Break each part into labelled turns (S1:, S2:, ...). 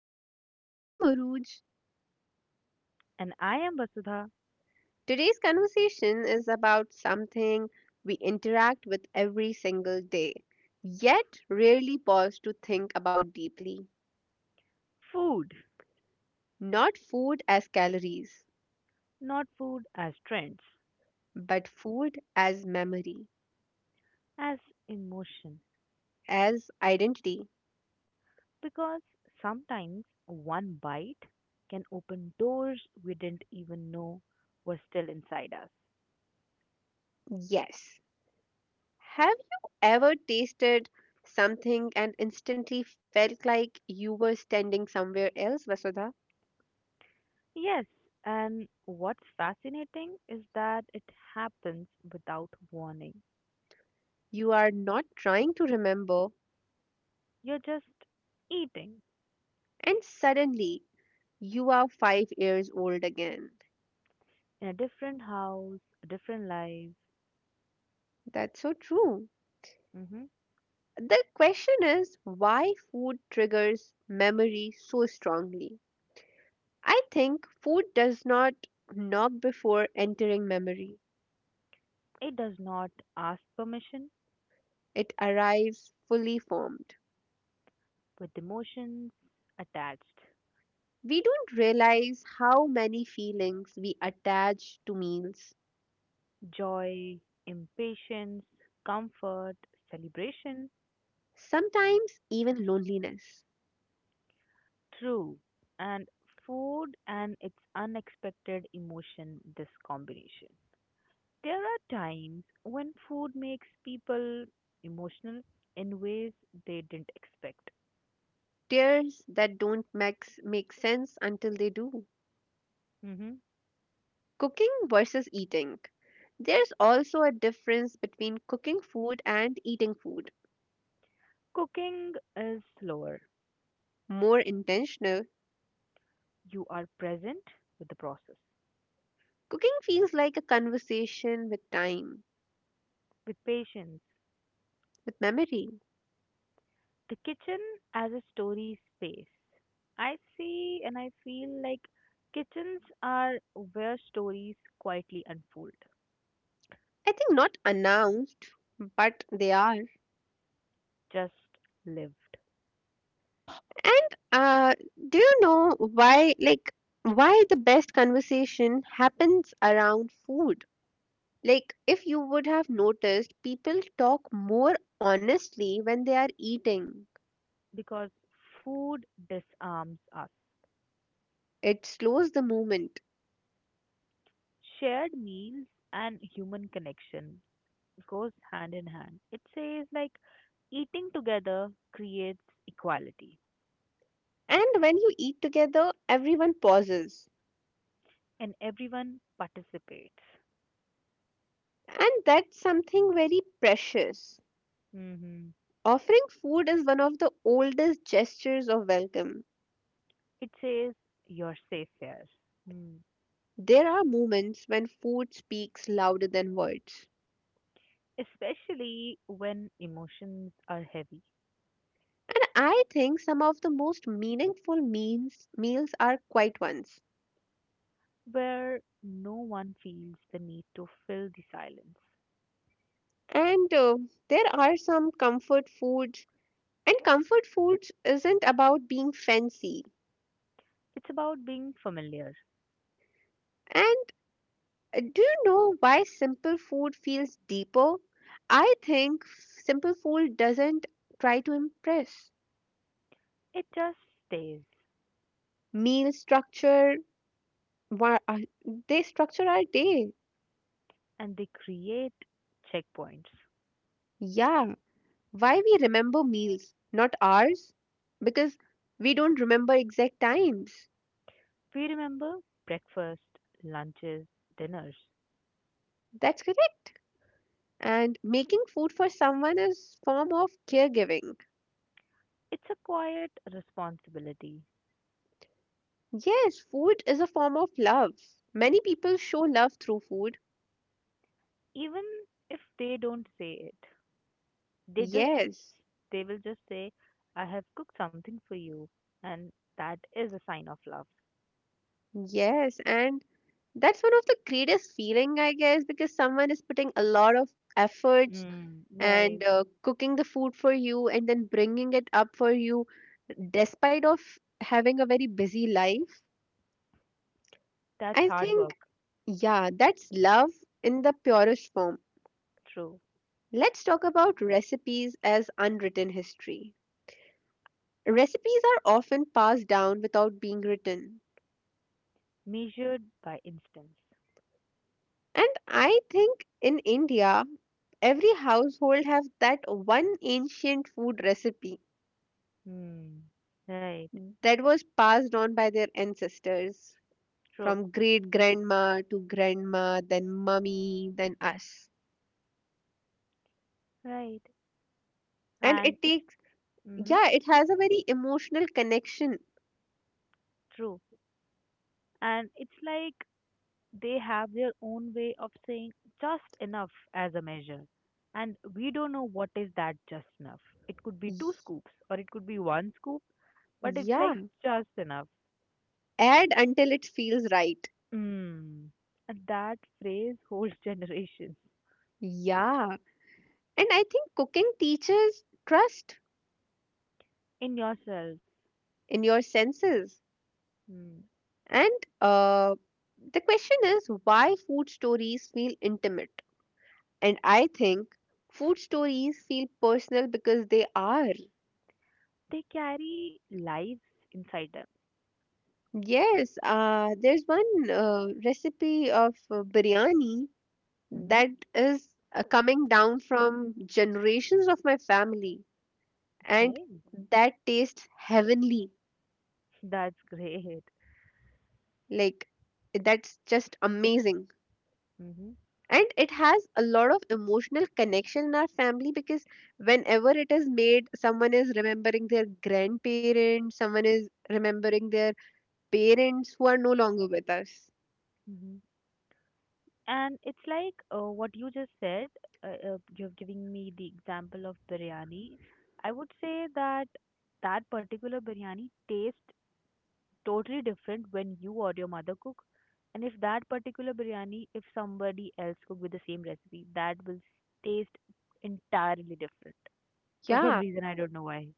S1: podcast. I am Aruj.
S2: And I am Vasudha.
S1: Today's conversation is about something we interact with every single day, yet rarely pause to think about deeply.
S2: Food,
S1: Not food as calories,
S2: not food as trends,
S1: but food as memory,
S2: as emotion.
S1: as identity.
S2: Because sometimes one bite can open doors we didn't even know were still inside us.
S1: Yes. Have you ever tasted something and instantly felt like you were standing somewhere else, Vasudha?
S2: Yes, and what's fascinating is that it happens without warning.
S1: You are not trying to remember,
S2: You're just eating
S1: and suddenly you are 5 years old again.
S2: in a different house, a different life.
S1: That's so true.
S2: hmm
S1: The question is why food triggers memory so strongly. I think food does not knock before entering memory,
S2: It does not ask permission
S1: it arrives fully formed.
S2: with emotions attached.
S1: We don't realize how many feelings we attach to meals,
S2: Joy, impatience, comfort, celebration,
S1: sometimes even loneliness,
S2: true. And food and its unexpected emotion, this combination. There are times when food makes people emotional in ways they didn't expect.
S1: tears that don't make sense until they do.
S2: hmm
S1: Cooking versus eating. There's also a difference between cooking food and eating food.
S2: Cooking is slower.
S1: More intentional,
S2: You are present with the process,
S1: cooking feels like a conversation with time,
S2: with patience.
S1: with memory.
S2: The kitchen as a story space. I see and I feel like kitchens are where stories quietly unfold,
S1: I think not announced, but they are.
S2: just lived.
S1: And do you know why, like, why the best conversation happens around food? Like, if you would have noticed, people talk more honestly when they are eating.
S2: Because food disarms us.
S1: It slows the moment.
S2: Shared meals and human connection goes hand in hand. It says like eating together creates equality
S1: And when you eat together, everyone pauses.
S2: and everyone participates.
S1: And that's something very precious.
S2: Hmm.
S1: Offering food is one of the oldest gestures of welcome.
S2: It says you're safe here. Hmm.
S1: There are moments when food speaks louder than words.
S2: Especially when emotions are heavy,
S1: And I think some of the most meaningful meals are quiet ones.
S2: where no one feels the need to fill the silence.
S1: And there are some comfort foods. And comfort foods isn't about being fancy.
S2: It's about being familiar.
S1: And do you know why simple food feels deeper? I think simple food doesn't try to impress.
S2: It just stays,
S1: Meal structure, wha- uh, they structure our day.
S2: and they create checkpoints.
S1: Yeah, why we remember meals, not hours? Because we don't remember exact times.
S2: We remember breakfast, lunches, dinners.
S1: That's correct. And making food for someone is form of caregiving.
S2: It's a quiet responsibility.
S1: Yes, food is a form of love. Many people show love through food.
S2: Even if they don't say it, they just
S1: Yes.
S2: they will just say, "I have cooked something for you," and that is a sign of love.
S1: Yes, and that's one of the greatest feeling, I guess, because someone is putting a lot of efforts
S2: Mm,
S1: and
S2: right.
S1: uh, cooking the food for you and then bringing it up for you, despite of having a very busy life.
S2: That's
S1: I
S2: hard
S1: think,
S2: work.
S1: yeah, that's love in the purest form.
S2: True.
S1: Let's talk about recipes as unwritten history. Recipes are often passed down without being written.
S2: Measured by instance.
S1: And I think in India, every household have that one ancient food recipe
S2: Hmm. Right.
S1: that was passed on by their ancestors
S2: True.
S1: from great grandma to grandma, then mummy, then us.
S2: Right.
S1: And
S2: And
S1: it
S2: it's
S1: takes,
S2: mm-hmm.
S1: yeah, it has a very emotional connection.
S2: True. And it's like they have their own way of saying just enough as a measure. And we don't know what is that just enough. It could be
S1: Y-
S2: two scoops or it could be one scoop, but it's
S1: Yeah,
S2: like just enough.
S1: add until it feels right.
S2: Hmm. And that phrase holds generations
S1: Yeah. And I think cooking teaches trust
S2: in yourself.
S1: in your senses.
S2: Hmm.
S1: And uh, the question is why food stories feel intimate. And I think food stories feel personal because they are.
S2: They carry lives inside them.
S1: Yes, there's one recipe of biryani
S2: Mm-hmm.
S1: that is coming down from generations of my family, and
S2: Okay.
S1: that tastes heavenly.
S2: That's great.
S1: Like, that's just amazing,
S2: Mm-hmm.
S1: and it has a lot of emotional connection in our family because whenever it is made, someone is remembering their grandparents, someone is remembering their parents who are no longer with us.
S2: Mm-hmm. And it's like what you just said, you're giving me the example of biryani. I would say that that particular biryani tastes totally different when you or your mother cook. And if that particular biryani, if somebody else cook with the same recipe, that will taste entirely different. For some
S1: Yeah,
S2: reason, I don't know why.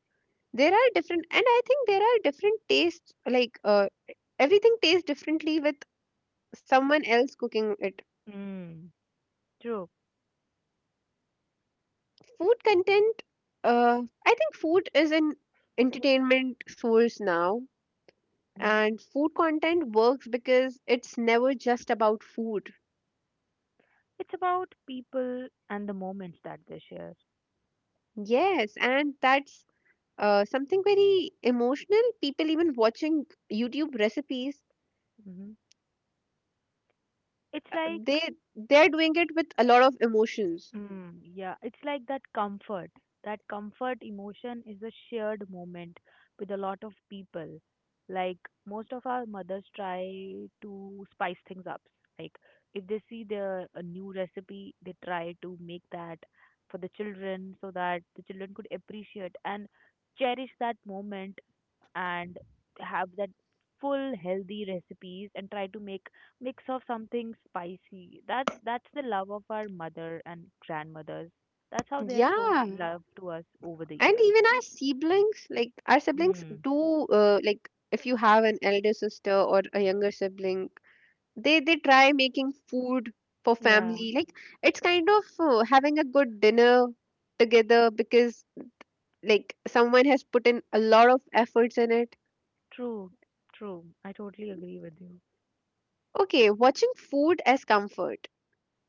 S1: there are different, and I think there are different tastes, like everything tastes differently with someone else cooking it.
S2: Mm. True.
S1: Food content, uh, I think food is an entertainment source now, and food content works because it's never just about food.
S2: It's about people and the moments that they share.
S1: Yes, and that's something very emotional. People even watching YouTube recipes,
S2: hmm It's
S1: uh,
S2: like
S1: they they're doing it with a lot of emotions.
S2: mm, yeah, it's like that comfort. That comfort emotion is a shared moment with a lot of people. Like most of our mothers try to spice things up. Like if they see the a new recipe, they try to make that for the children so that the children could appreciate and cherish that moment and have that full healthy recipes and try to make mix of something spicy. That's the love of our mother and grandmothers. That's how they have shown
S1: Yeah,
S2: love to us over the
S1: and
S2: years.
S1: even our siblings, like our siblings
S2: Hmm.
S1: do, like if you have an elder sister or a younger sibling, they try making food for
S2: Yeah,
S1: family, like it's kind of having a good dinner together because like someone has put in a lot of efforts in it.
S2: true, true. I totally agree with you.
S1: Okay, watching food as comfort,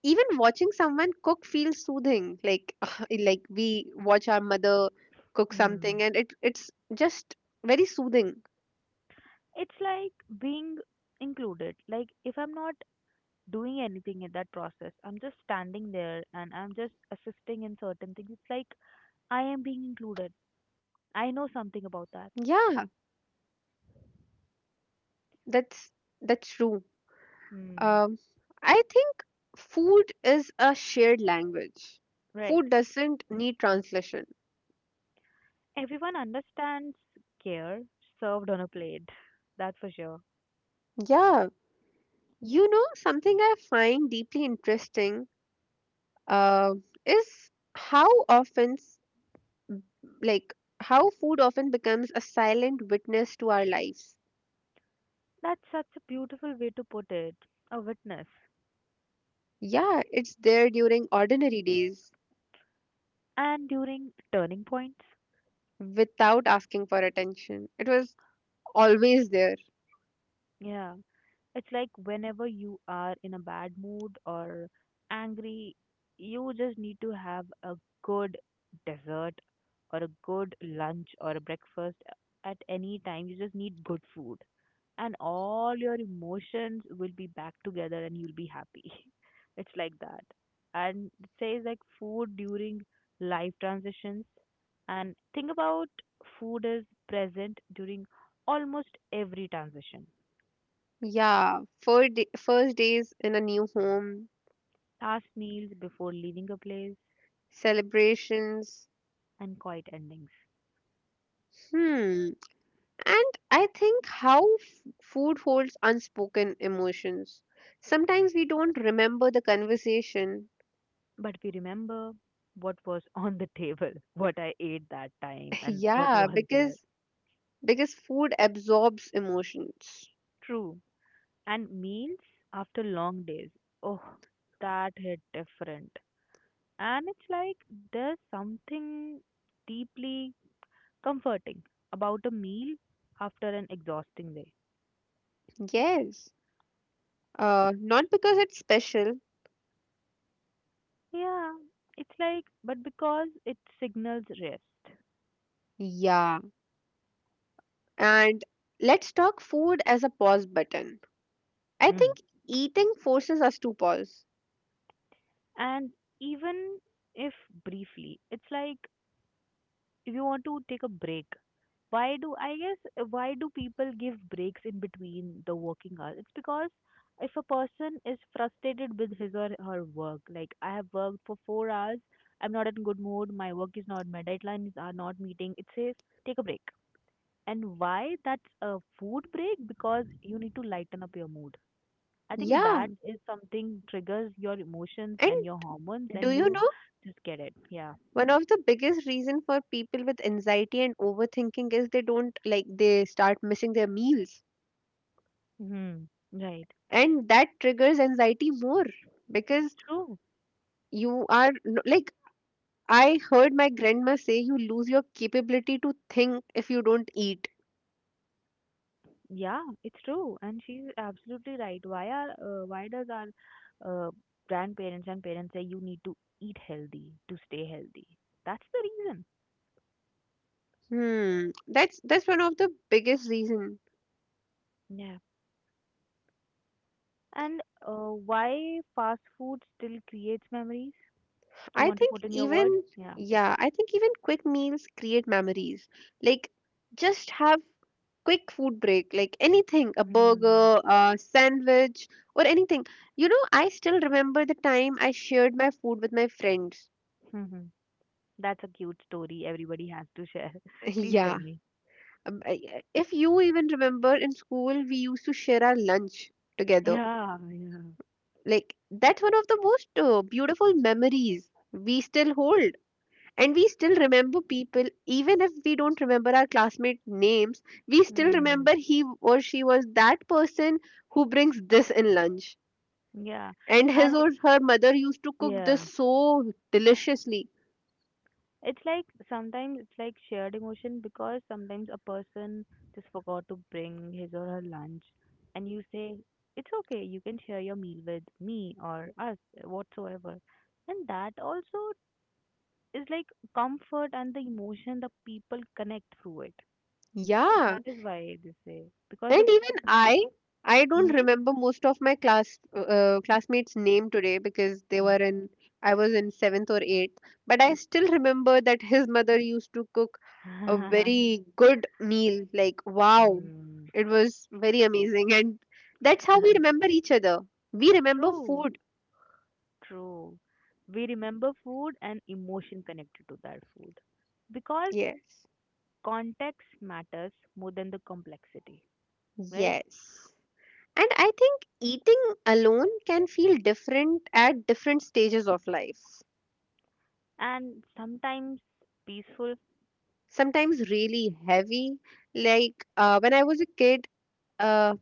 S1: even watching someone cook feels soothing, like like we watch our mother cook something
S2: Hmm.
S1: and it's just very soothing.
S2: It's like being included. Like if I'm not doing anything in that process, I'm just standing there and I'm just assisting in certain things. It's like I am being included. I know something about that.
S1: Yeah, that's that's true.
S2: Hmm.
S1: Um, I think food is a shared language.
S2: Right.
S1: Food doesn't need translation.
S2: Everyone understands care served on a plate. That's for sure.
S1: Yeah, you know, something I find deeply interesting uh, is how often, like, how food often becomes a silent witness to our lives.
S2: That's such a beautiful way to put it. A witness.
S1: Yeah, it's there during ordinary days
S2: And during turning points,
S1: without asking for attention. It was always there.
S2: yeah. It's like whenever you are in a bad mood or angry, you just need to have a good dessert or a good lunch or a breakfast at any time. You just need good food. And all your emotions will be back together and you'll be happy. It's like that. And it says like food during life transitions. And think about food is present during almost every transition
S1: Yeah, first days in a new home,
S2: last meals before leaving a place,
S1: celebrations.
S2: and quiet endings.
S1: Hmm. And I think how food holds unspoken emotions. Sometimes we don't remember the conversation.
S2: But we remember what was on the table, what I ate that time, and what
S1: Yeah,
S2: was there.
S1: because food absorbs emotions.
S2: True. And meals after long days. Oh, that hit different. And it's like there's something deeply comforting about a meal after an exhausting day.
S1: Yes. Not because it's special.
S2: Yeah, it's like, but because it signals rest.
S1: Yeah. And let's talk food as a pause button. I think eating forces us to pause.
S2: And even if briefly, it's like if you want to take a break, why do I guess why do people give breaks in between the working hours? It's because if a person is frustrated with his or her work, like I have worked for 4 hours, I'm not in good mood, my work is not, my deadlines are not meeting, it says take a break. And why that's a food break? Because you need to lighten up your mood. I think
S1: Yeah.
S2: that is something triggers your emotions
S1: And
S2: and your hormones,
S1: do
S2: and
S1: you
S2: you
S1: know
S2: just get it. Yeah.
S1: one of the biggest reason for people with anxiety and overthinking is they don't, like they start missing their meals,
S2: Hmm. Right.
S1: and that triggers anxiety more because
S2: True.
S1: you are like I heard my grandma say you lose your capability to think if you don't eat.
S2: Yeah, it's true, and she's absolutely right. Why are why does our uh, grandparents and parents say you need to eat healthy to stay healthy? That's the reason.
S1: Hmm, that's one of the biggest reason.
S2: Yeah. And why fast food still creates memories? You
S1: I
S2: want to
S1: think
S2: put in your word?
S1: even,
S2: Yeah.
S1: yeah, I think even quick meals create memories. Like, just have quick food break, like anything, a
S2: Mm.
S1: burger, a sandwich, or anything. You know, I still remember the time I shared my food with my friends.
S2: That's a cute story everybody has to share. Please tell
S1: Yeah.
S2: me.
S1: If you even remember in school, we used to share our lunch together.
S2: Yeah, yeah.
S1: Like, that's one of the most beautiful memories we still hold. And we still remember people, even if we don't remember our classmate names, we still
S2: Hmm.
S1: remember he or she was that person who brings this in lunch
S2: Yeah,
S1: and his
S2: and it,
S1: or her mother used to cook this
S2: yeah,
S1: so deliciously.
S2: it's like sometimes it's like shared emotion because sometimes a person just forgot to bring his or her lunch, and you say, it's okay, you can share your meal with me or us, whatsoever. And that also is like comfort and the emotion the people connect through it. So
S1: Yeah.
S2: that is why they say, because
S1: And
S2: the
S1: even I don't
S2: mm-hmm.
S1: remember most of my class classmates' name today because they were in I was in seventh or eighth. But I still remember that his mother used to cook a very good meal. Like wow,
S2: Mm.
S1: it was very amazing, and that's how we remember each other. We remember
S2: True.
S1: food.
S2: True. We remember food and emotion connected to that food because
S1: Yes.
S2: context matters more than the complexity, right?
S1: Yes. And I think eating alone can feel different at different stages of life.
S2: And sometimes peaceful.
S1: Sometimes really heavy. Like when I was a kid, uh,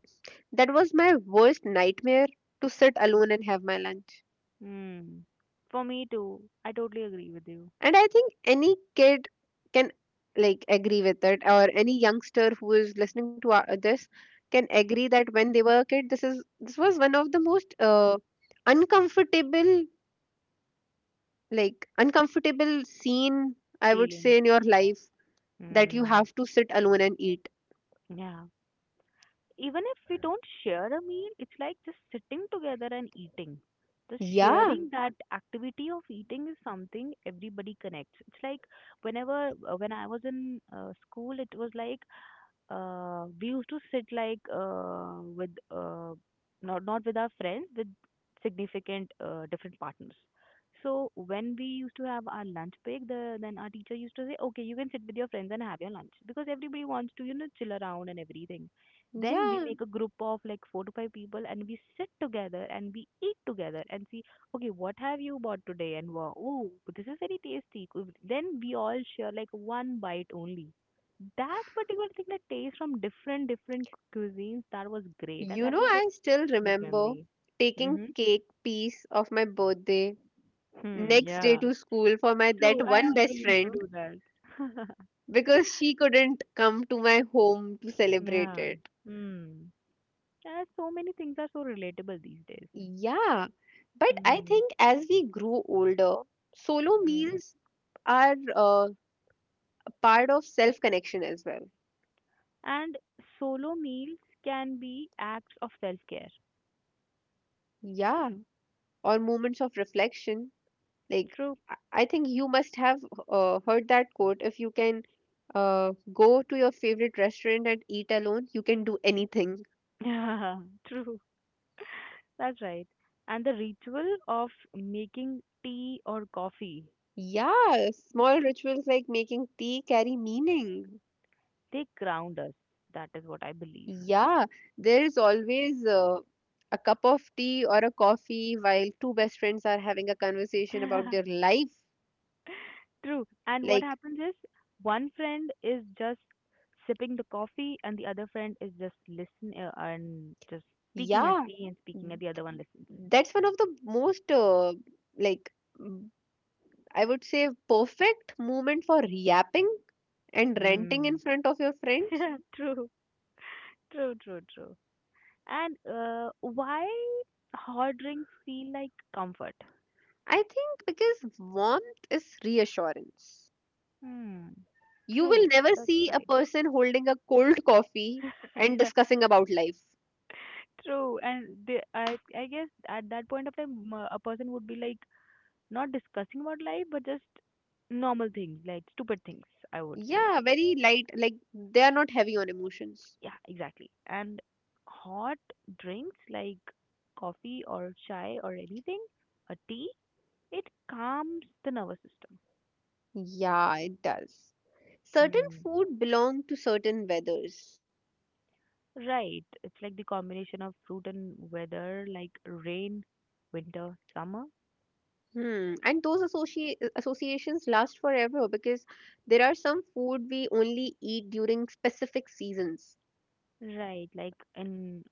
S1: that was my worst nightmare to sit alone and have my lunch.
S2: Hmm. For me too. I totally agree with you.
S1: And I think any kid can, like, agree with it, or any youngster who is listening to our, this, can agree that when they were a kid, this was one of the most uncomfortable, uncomfortable scene I would
S2: Feeling.
S1: say in your life, that you
S2: Hmm.
S1: have to sit alone and eat.
S2: Yeah. Even if we don't share a meal, it's like just sitting together and eating. The
S1: Yeah,
S2: sharing that activity of eating is something everybody connects. It's like whenever when I was in school, it was like we used to sit like with not with our friends with significant different partners, so when we used to have our lunch break the then our teacher used to say okay you can sit with your friends and have your lunch because everybody wants to chill around and everything. Then
S1: yeah.
S2: we make a group of like 4 to 5 people and we sit together and we eat together and see okay what have you bought today and wow oh this is very tasty. Could- then we all share like one bite only that particular thing, the taste from different cuisines, that was great, and
S1: You
S2: that
S1: know,
S2: was like
S1: I still
S2: sweet
S1: remember
S2: memory.
S1: taking
S2: Mhm.
S1: cake piece of my birthday
S2: Hmm.
S1: next day
S2: Yeah.
S1: to school for my
S2: True.
S1: that
S2: I
S1: one
S2: also
S1: best
S2: used
S1: friend
S2: to do that.
S1: because she couldn't come to my home to celebrate
S2: Yeah.
S1: it.
S2: Hmm. Yeah, so many things are so relatable these days.
S1: Yeah, but I
S2: Hmm.
S1: think as we grow older, solo
S2: Hmm.
S1: meals are a part of self connection as well.
S2: And solo meals can be acts of self-care.
S1: Yeah, or moments of reflection. Like,
S2: True.
S1: I I think you must have heard that quote, if you can go to your favorite restaurant and eat alone, you can do anything.
S2: Yeah, true. That's right. And the ritual of making tea or coffee,
S1: Yeah, small rituals like making tea carry meaning.
S2: they ground us. That is what I believe.
S1: Yeah, there is always a cup of tea or a coffee while two best friends are having a conversation about their life.
S2: True. And what
S1: Like,
S2: happens is one friend is just sipping the coffee, and the other friend is just listening and just speaking and
S1: yeah,
S2: speaking and speaking, and the other one
S1: th-
S2: listens.
S1: that's one of the most like I would say perfect moment for yapping and ranting in
S2: Mm.
S1: front of your friends.
S2: True. True. True. True. And why hot drinks feel like comfort?
S1: I think because warmth is reassurance.
S2: Hmm.
S1: You will
S2: True.
S1: never
S2: That's
S1: see a
S2: right.
S1: person holding a cold coffee and discussing about life.
S2: True, and they, I guess at that point of time, a person would be like not discussing about life, but just normal things, like stupid things, I would say.
S1: Yeah, very light, like they are not heavy on emotions.
S2: Yeah, exactly. And hot drinks like coffee or chai or anything, a tea, it calms the nervous system.
S1: Yeah, it does. Certain
S2: Hmm.
S1: food belong to certain weathers.
S2: Right. It's like the combination of fruit and weather, like rain, winter, summer.
S1: Hmm. And those associations last forever because there are some food we only eat during specific seasons.
S2: Right, like in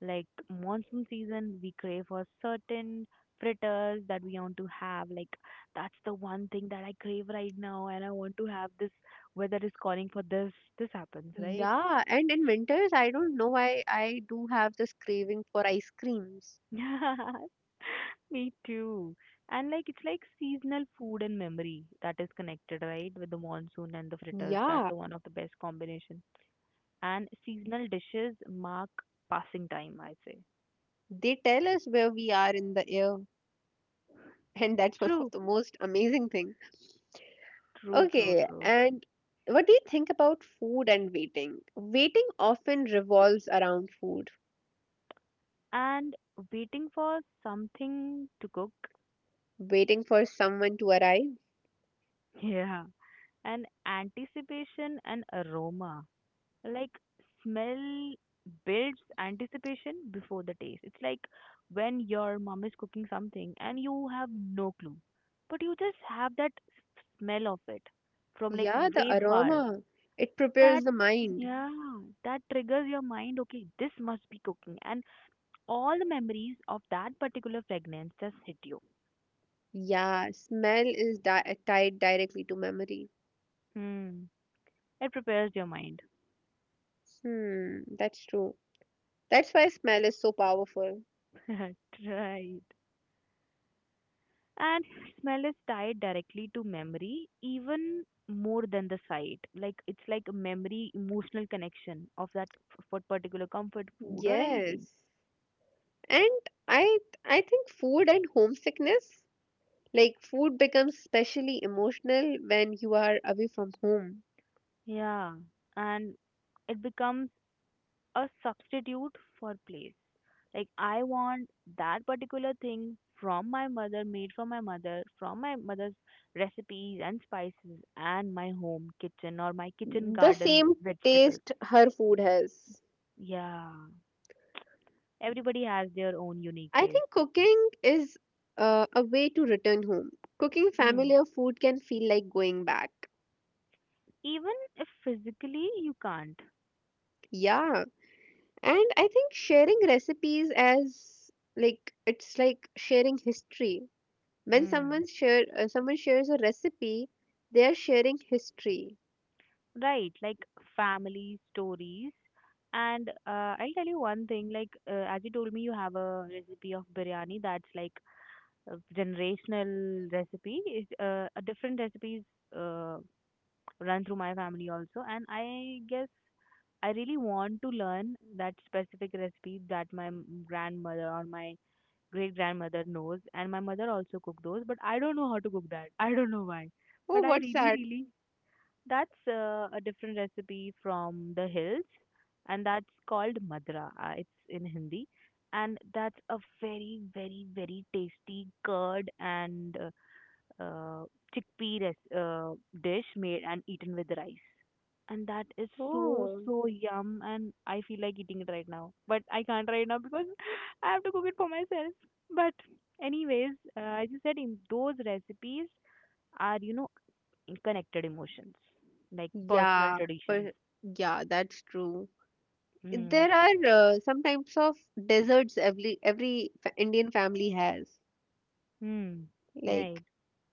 S2: like monsoon season, we crave for certain fritters that we want to have. Like that's the one thing that I crave right now, and I want to have this. Weather is calling for this. This happens, right?
S1: Yeah, and in winters, I don't know why I do have this craving for ice creams.
S2: Me too. And like it's like seasonal food and memory that is connected, right? With the monsoon and the fritters. That's
S1: Yeah,
S2: the one of the best combination. And seasonal dishes mark passing time, I say.
S1: they tell us where we are in the air, and that's one of
S2: True,
S1: the most amazing thing.
S2: true, true,
S1: Okay,
S2: true.
S1: and what do you think about food and waiting? Waiting often revolves around food,
S2: And waiting for something to cook.
S1: waiting for someone to arrive.
S2: Yeah. And anticipation and aroma. Like smell builds anticipation before the taste. It's like when your mom is cooking something and you have no clue, but you just have that s- smell of it from like
S1: Yeah, the
S2: way far.
S1: aroma. It
S2: That
S1: prepares the mind.
S2: yeah, that triggers your mind. Okay, this must be cooking, and all the memories of that particular fragrance just hit you.
S1: Yeah, smell is tied directly to memory.
S2: Hmm. It prepares your mind.
S1: Hmm, that's true. That's why smell is so powerful.
S2: Right. And smell is tied directly to memory, even more than the sight. Like it's like a memory, emotional connection of that f- for particular comfort food or anything.
S1: Yes. And I I think food and homesickness, like food becomes especially emotional when you are away from home.
S2: Yeah. And it becomes a substitute for place. Like I want that particular thing from my mother, made from my mother, from my mother's recipes and spices and my home kitchen or my kitchen
S1: The
S2: garden
S1: same
S2: vegetables.
S1: taste her food has.
S2: Yeah, everybody has their own unique
S1: I think
S2: taste.
S1: cooking is a way to return home. Cooking
S2: Mm.
S1: familiar food can feel like going back.
S2: Even if physically you can't,
S1: Yeah, and I think sharing recipes as, like, it's like sharing history. When
S2: mm.
S1: someone share, someone shares a recipe, they are sharing history.
S2: Right? Like family stories. And I'll tell you one thing, like as you told me, you have a recipe of biryani that's like a generational recipe. Is a different recipes. uh. Run through my family also, and I guess I really want to learn that specific recipe that my grandmother or my great grandmother knows, and my mother also cooked those, but I don't know how to cook that. I don't know why,
S1: Oh,
S2: but I
S1: what's
S2: really
S1: that?
S2: really. That's a different recipe from the hills, and that's called madra, it's in Hindi. And that's a very very very tasty curd and uh, chickpea dish made and eaten with rice. And that is so
S1: Oh,
S2: so yum, and I feel like eating it right now, but I can't right now because I have to cook it for myself. But anyways, as you said, in those recipes are connected emotions, like personal
S1: yeah,
S2: traditions.
S1: but yeah, that's true.
S2: Hmm.
S1: There are some types of desserts every Indian family has.
S2: Hmm.
S1: Like,
S2: Right.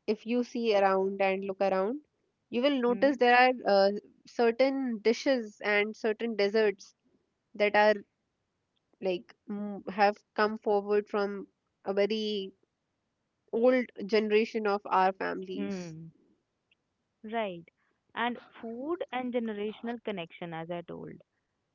S1: if you see around and look around, you will
S2: Hmm.
S1: notice there are certain dishes and certain desserts that are, like, mm, have come forward from a very old generation of our families.
S2: Hmm. Right. And food and generational connection, as I told,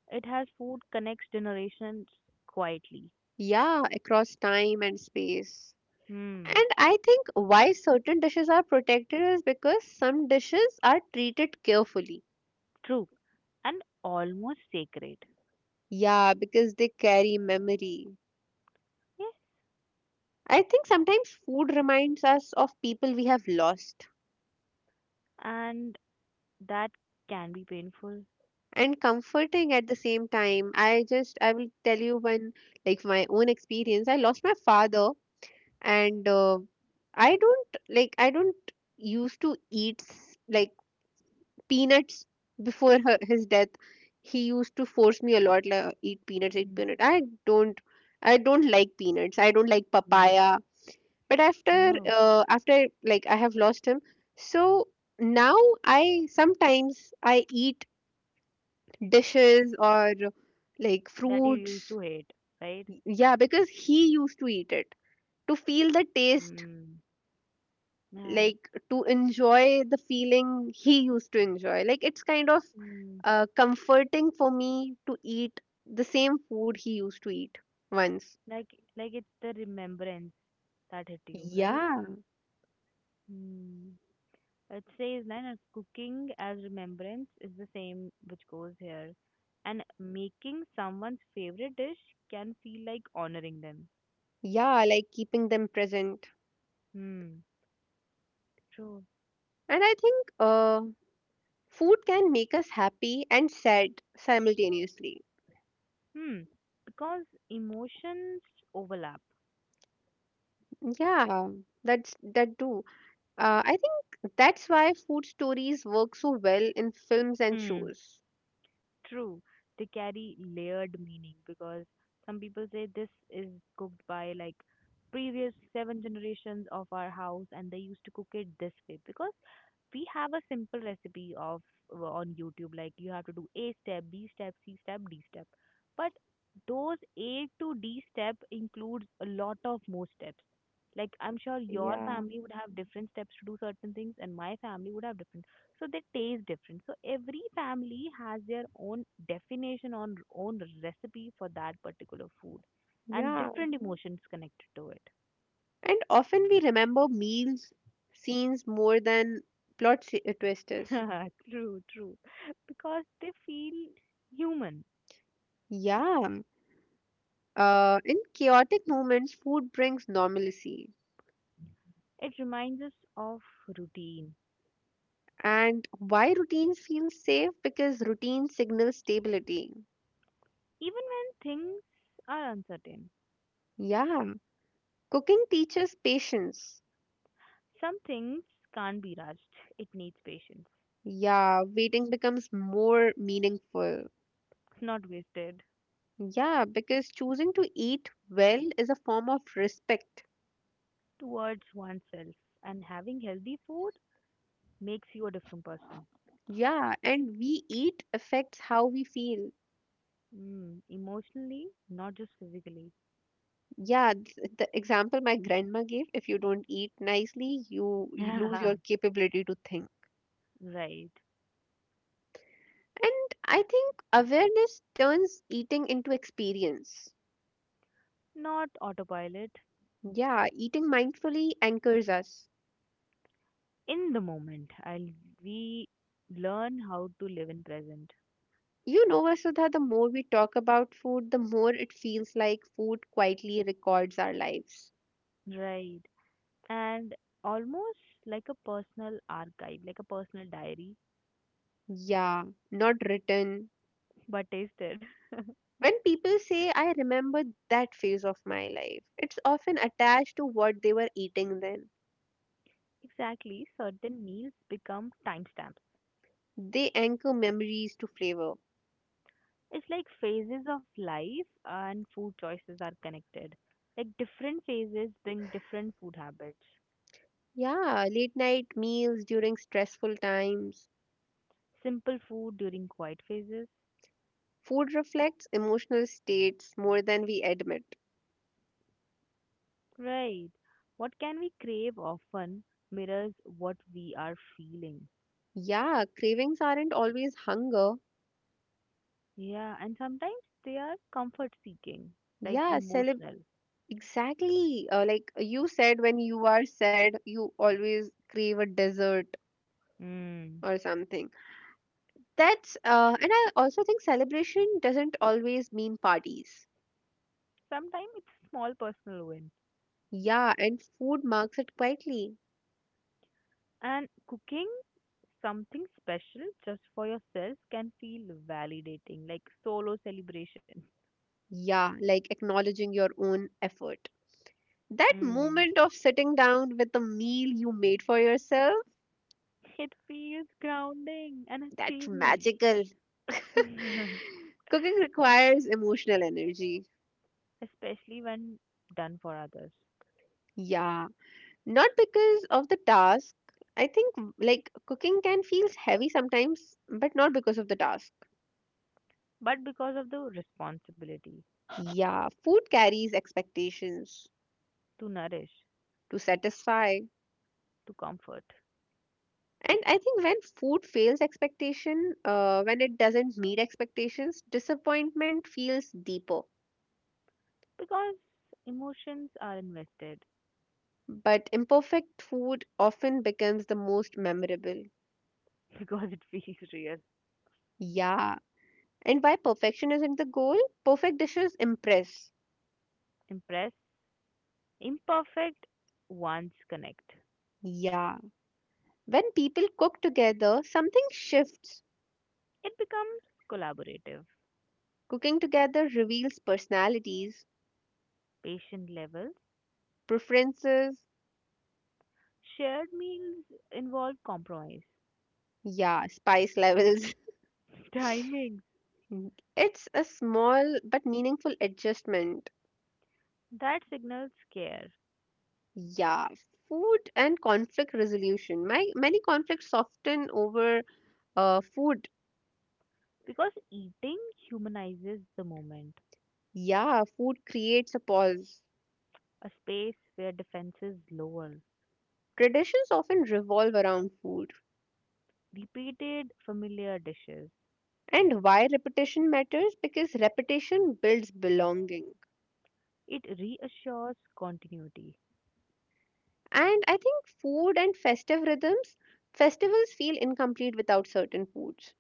S2: it has, food connects generations quietly.
S1: Yeah, across time and space.
S2: Hmm.
S1: And I think why certain dishes are protected is because some dishes are treated carefully.
S2: True, and almost sacred.
S1: Yeah, because they carry memory.
S2: Yes,
S1: I think sometimes food reminds us of people we have lost.
S2: and that can be painful.
S1: And comforting at the same time. I will tell you one like my own experience. I lost my father, and I don't used to eat like peanuts before his death. He used to force me a lot like eat peanuts, eat
S2: Mm.
S1: peanut. I don't like peanuts. I don't like
S2: Mm.
S1: papaya. But after
S2: No,
S1: uh, after like I have lost him, so now I sometimes I eat dishes or like
S2: that you used
S1: fruits.
S2: to hate, right?
S1: Yeah, because he used to eat it to feel the taste,
S2: Mm. Yeah.
S1: like to enjoy the feeling he used to enjoy. Like it's kind of
S2: Mm.
S1: comforting for me to eat the same food he used to eat once.
S2: Like, like it's the remembrance that hit you, right?
S1: Yeah,
S2: Mm. It says line as cooking as remembrance is the same which goes here, and making someone's favorite dish can feel like honoring them.
S1: yeah, like keeping them present.
S2: Hmm. True.
S1: And I think food can make us happy and sad simultaneously.
S2: Hmm, because emotions overlap.
S1: Yeah, that's that too. I think that's why food stories work so well in films and
S2: Hmm.
S1: shows.
S2: True, they carry layered meaning because some people say this is cooked by like previous seven generations of our house, and they used to cook it this way because we have a simple recipe of on YouTube, like you have to do A step, B step, C step, D step. But those A to D step includes a lot of more steps. Like I'm sure your
S1: Yeah,
S2: family would have different steps to do certain things and my family would have different, so they taste different, so every family has their own definition on own recipe for that particular food and
S1: yeah.
S2: different emotions connected to it.
S1: And often we remember meals, scenes more than plot twisters.
S2: True, true, because they feel human.
S1: Yeah. In chaotic moments, food brings normalcy.
S2: It reminds us of routine
S1: And why routines feel safe? Because routine signals stability.
S2: even when things are uncertain.
S1: Yeah. Cooking teaches patience.
S2: Some things can't be rushed, it needs patience.
S1: Yeah. Waiting becomes more meaningful.
S2: Not wasted.
S1: Yeah, because choosing to eat well is a form of respect.
S2: Towards oneself, and having healthy food makes you a different person.
S1: Yeah, and we eat affects how we feel.
S2: Mm, emotionally, not just physically.
S1: Yeah, the example my grandma gave, if you don't eat nicely, you lose your capability to think.
S2: Right.
S1: And I think awareness turns eating into experience.
S2: Not autopilot.
S1: Yeah, eating mindfully anchors us.
S2: In the moment, I'll we learn how to live in present.
S1: You know, Vasudha, the more we talk about food, the more it feels like food quietly records our lives.
S2: Right. And almost like a personal archive, like a personal diary,
S1: Yeah, not written.
S2: but tasted.
S1: When people say, I remember that phase of my life, it's often attached to what they were eating then.
S2: Exactly, certain meals become timestamps.
S1: They anchor memories to flavor.
S2: It's like phases of life and food choices are connected. Like different phases bring different food habits.
S1: Yeah, late night meals during stressful times.
S2: Simple food during quiet phases.
S1: Food reflects emotional states more than we admit.
S2: Right. What can we crave often mirrors what we are feeling.
S1: Yeah, cravings aren't always hunger.
S2: Yeah, and sometimes they are comfort seeking, like
S1: Yeah, celeb
S2: emotional.
S1: exactly. Like you said, when you are sad, you always crave a dessert
S2: Mm.
S1: or something. That's and I also think celebration doesn't always mean parties.
S2: Sometimes it's small personal win.
S1: Yeah, and food marks it quietly.
S2: And cooking something special just for yourself can feel validating, like solo celebration.
S1: Yeah, like acknowledging your own effort. That
S2: Mm.
S1: moment of sitting down with the meal you made for yourself,
S2: It feels grounding, and
S1: that's
S2: achievement,
S1: magical. Cooking requires emotional energy.
S2: especially when done for others.
S1: Yeah, not because of the task. I think like cooking can feel heavy sometimes, but not because of the task.
S2: But because of the responsibility
S1: Yeah, food carries expectations
S2: to nourish,
S1: to satisfy.
S2: to comfort,
S1: And I think when food fails expectation, when it doesn't meet expectations, disappointment feels deeper.
S2: because emotions are invested,
S1: But imperfect food often becomes the most memorable.
S2: because it feels real,
S1: Yeah. And why perfection isn't the goal? Perfect dishes impress.
S2: impress, imperfect ones connect.
S1: Yeah. When people cook together, something shifts.
S2: It becomes collaborative.
S1: Cooking together reveals personalities,
S2: Patient levels,
S1: preferences,
S2: shared meals involve compromise,
S1: yeah, spice levels.
S2: timings
S1: It's a small but meaningful adjustment.
S2: that signals care,
S1: Yeah, food and conflict resolution. Many conflicts soften over food.
S2: because eating humanizes the moment,
S1: Yeah, food creates a pause.
S2: a space where defenses lower,
S1: Traditions often revolve around food.
S2: repeated familiar dishes.
S1: And why repetition matters? Because repetition builds belonging.
S2: It reassures continuity,
S1: And I think food and festive rhythms, festivals feel incomplete without certain foods.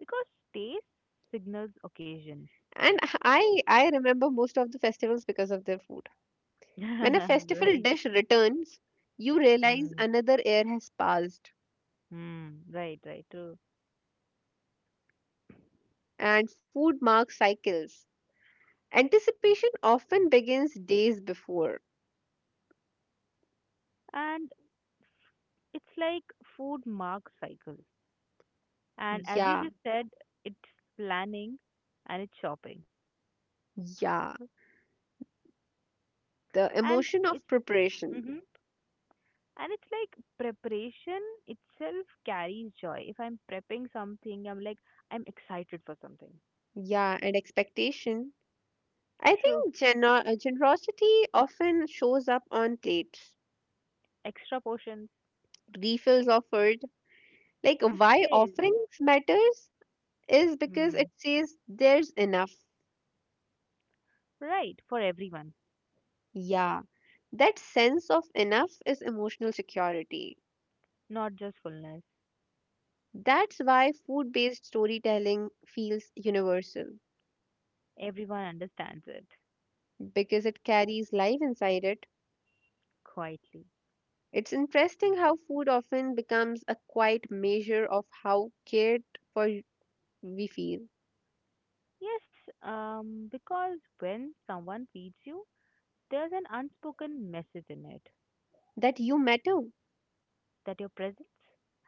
S2: because stays signals occasion.
S1: And I remember most of the festivals because of their food. When a festival
S2: Right.
S1: dish returns, you realize
S2: Mm.
S1: another air has passed
S2: Mm. Right, right, true.
S1: and food marks cycles. Anticipation often begins days before.
S2: And it's like food mark cycle. And as you
S1: Yeah,
S2: just said, it's planning and it's shopping.
S1: yeah. The
S2: And
S1: emotion
S2: it's
S1: of preparation.
S2: hmm and it's like preparation itself carries joy. If I'm prepping something, I'm like, I'm excited for something.
S1: Yeah, and expectation. I
S2: True.
S1: think generosity often shows up on plates.
S2: Extra portions.
S1: Refills offered. Like,
S2: It
S1: why
S2: says.
S1: offerings matters is because it
S2: Hmm.
S1: says there's enough.
S2: Right, for everyone.
S1: Yeah, that sense of enough is emotional security.
S2: Not just fullness.
S1: That's why food based storytelling feels universal.
S2: Everyone understands it
S1: Because it carries life inside it.
S2: quietly.
S1: It's interesting how food often becomes a quiet measure of how cared for we feel,
S2: Yes, because when someone feeds you, there's an unspoken message in it,
S1: that you matter.
S2: that your presence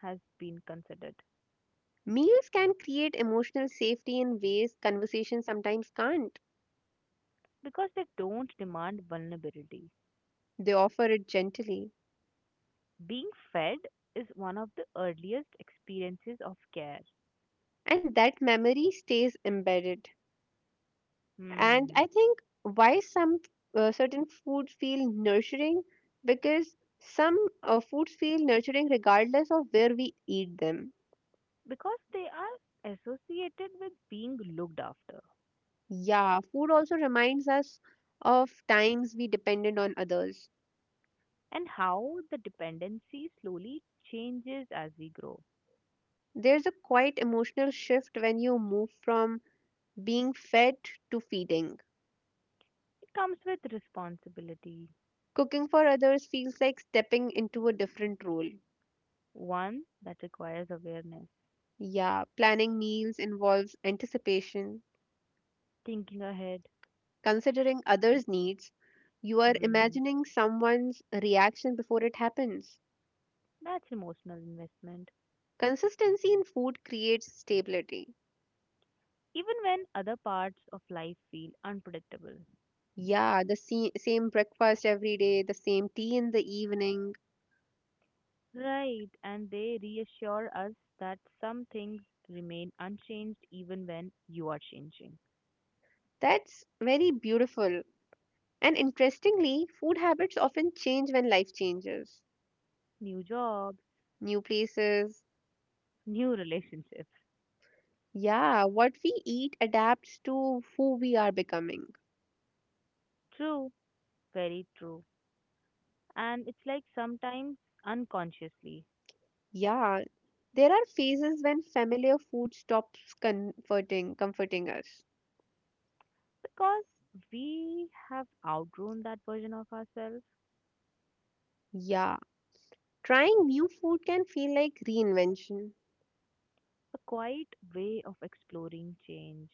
S2: has been considered.
S1: Meals can create emotional safety in ways conversations sometimes can't.
S2: Because they don't demand vulnerability.
S1: They offer it gently,
S2: Being fed is one of the earliest experiences of care.
S1: and that memory stays embedded. And
S2: Hmm.
S1: I think why some certain foods feel nurturing because some foods feel nurturing regardless of where we eat them.
S2: Because they are associated with being looked after,
S1: Yeah, food also reminds us of times we depended on others.
S2: and how the dependency slowly changes as we grow.
S1: There's a quite emotional shift when you move from being fed to feeding.
S2: It comes with responsibility,
S1: Cooking for others feels like stepping into a different role.
S2: one that requires awareness,
S1: Yeah, planning meals involves anticipation,
S2: thinking ahead.
S1: considering others' needs. You are
S2: Mm,
S1: imagining someone's reaction before it happens.
S2: that's emotional investment.
S1: Consistency in food creates stability.
S2: Even when other parts of life feel unpredictable.
S1: Yeah, the same breakfast every day, the same tea in the evening.
S2: Right, and they reassure us that some things remain unchanged even when you are changing.
S1: That's very beautiful. And interestingly, food habits often change when life changes.
S2: New jobs,
S1: New places.
S2: new relationships.
S1: Yeah, what we eat adapts to who we are becoming.
S2: True, very true. And it's like sometimes unconsciously,
S1: Yeah, there are phases when familiar food stops comforting us.
S2: because we have outgrown that version of ourselves,
S1: Yeah, trying new food can feel like reinvention.
S2: a quiet way of exploring change,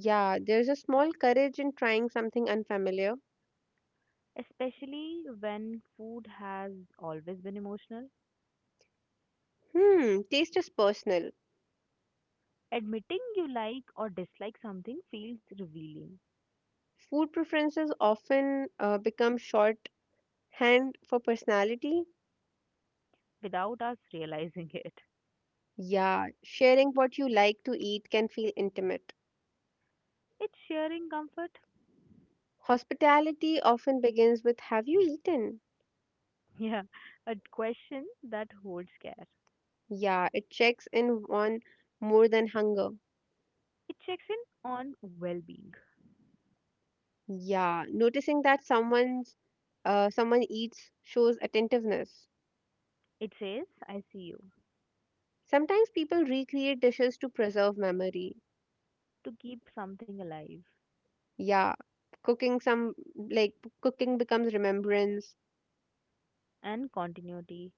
S1: Yeah, there's a small courage in trying something unfamiliar.
S2: especially when food has always been emotional.
S1: Hmm, taste is personal.
S2: Admitting you like or dislike something feels revealing
S1: Food preferences often become shorthand for personality.
S2: without us realizing it.
S1: Yeah, sharing what you like to eat can feel intimate.
S2: It's sharing comfort,
S1: Hospitality often begins with Have you eaten?
S2: yeah, a question that holds care.
S1: Yeah, it checks in on more than hunger.
S2: It checks in on well being.
S1: Yeah, noticing that someone eats shows attentiveness.
S2: It says, I see you,
S1: Sometimes people recreate dishes to preserve memory.
S2: to keep something alive
S1: Yeah, cooking some like cooking becomes remembrance.
S2: and continuity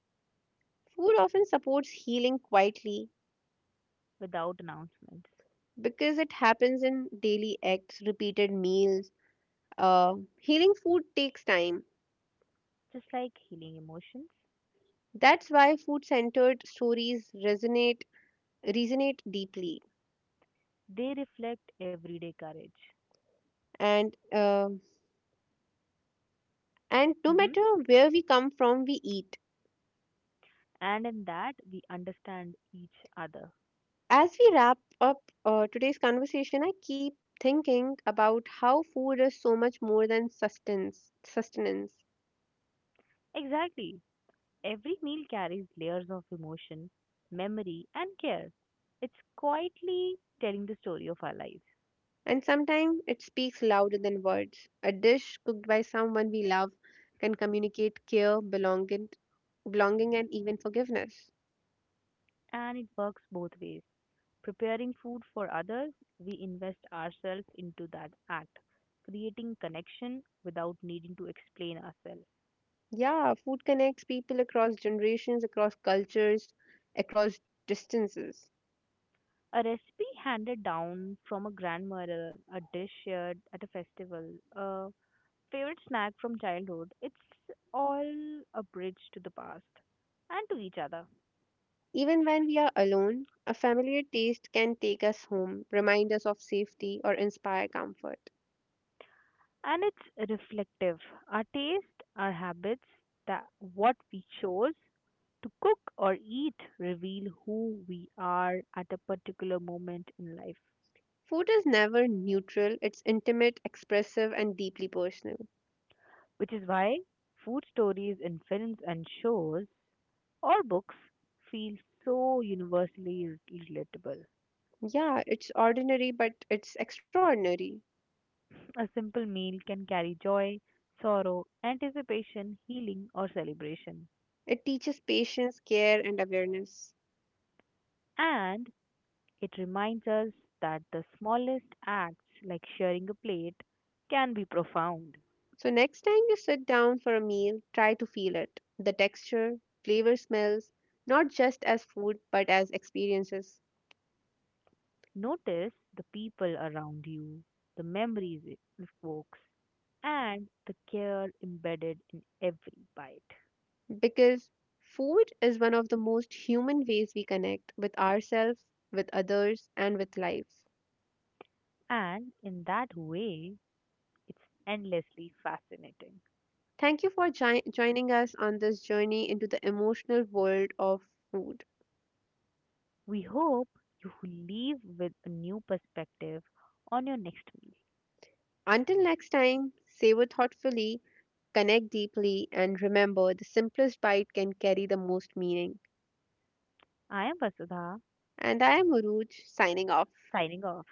S1: Food often supports healing quietly
S2: without announcements.
S1: because it happens in daily acts, repeated meals. Healing food takes time.
S2: Just like healing emotions,
S1: That's why food-centered stories resonate resonate deeply.
S2: they reflect everyday courage.
S1: And uh, and no
S2: Mhm.
S1: matter where we come from, we eat.
S2: And in that we understand each other.
S1: As we wrap up today's conversation, I keep thinking about how food is so much more than sustenance. Sustenance.
S2: Exactly. Every meal carries layers of emotion, memory, and care. It's quietly telling the story of our lives,
S1: And sometimes it speaks louder than words. A dish cooked by someone we love can communicate care, belonging and even forgiveness.
S2: and it works both ways. Preparing food for others, we invest ourselves into that act, creating connection without needing to explain ourselves.
S1: Yeah, food connects people across generations, across cultures, across distances.
S2: A recipe handed down from a grandmother, a dish shared at a festival, a favorite snack from childhood. It's all a bridge to the past and to each other.
S1: Even when we are alone, a familiar taste can take us home, remind us of safety, or inspire comfort.
S2: And it's reflective. Our taste, our habits, that what we chose to cook or eat reveal who we are at a particular moment in life.
S1: Food is never neutral, it's intimate, expressive, and deeply personal.
S2: Which is why food stories in films and shows or books feel so universally relatable.
S1: Yeah, it's ordinary, but it's extraordinary.
S2: A simple meal can carry joy, sorrow, anticipation, healing, or celebration.
S1: It teaches patience, care, and awareness.
S2: And it reminds us that the smallest acts, like sharing a plate, can be profound.
S1: So, next time you sit down for a meal, try to feel it the texture, flavor, smells, not just as food but as experiences.
S2: Notice the people around you, the memories it evokes, and the care embedded in every bite.
S1: Because food is one of the most human ways we connect with ourselves, with others, and with life.
S2: And in that way, it's endlessly fascinating.
S1: Thank you for joining us on this journey into the emotional world of food.
S2: We hope you leave with a new perspective on your next meal.
S1: Until next time, savor thoughtfully connect deeply, and remember the simplest bite can carry the most meaning.
S2: I am Vasudha
S1: And I am Uruj signing off.
S2: signing off.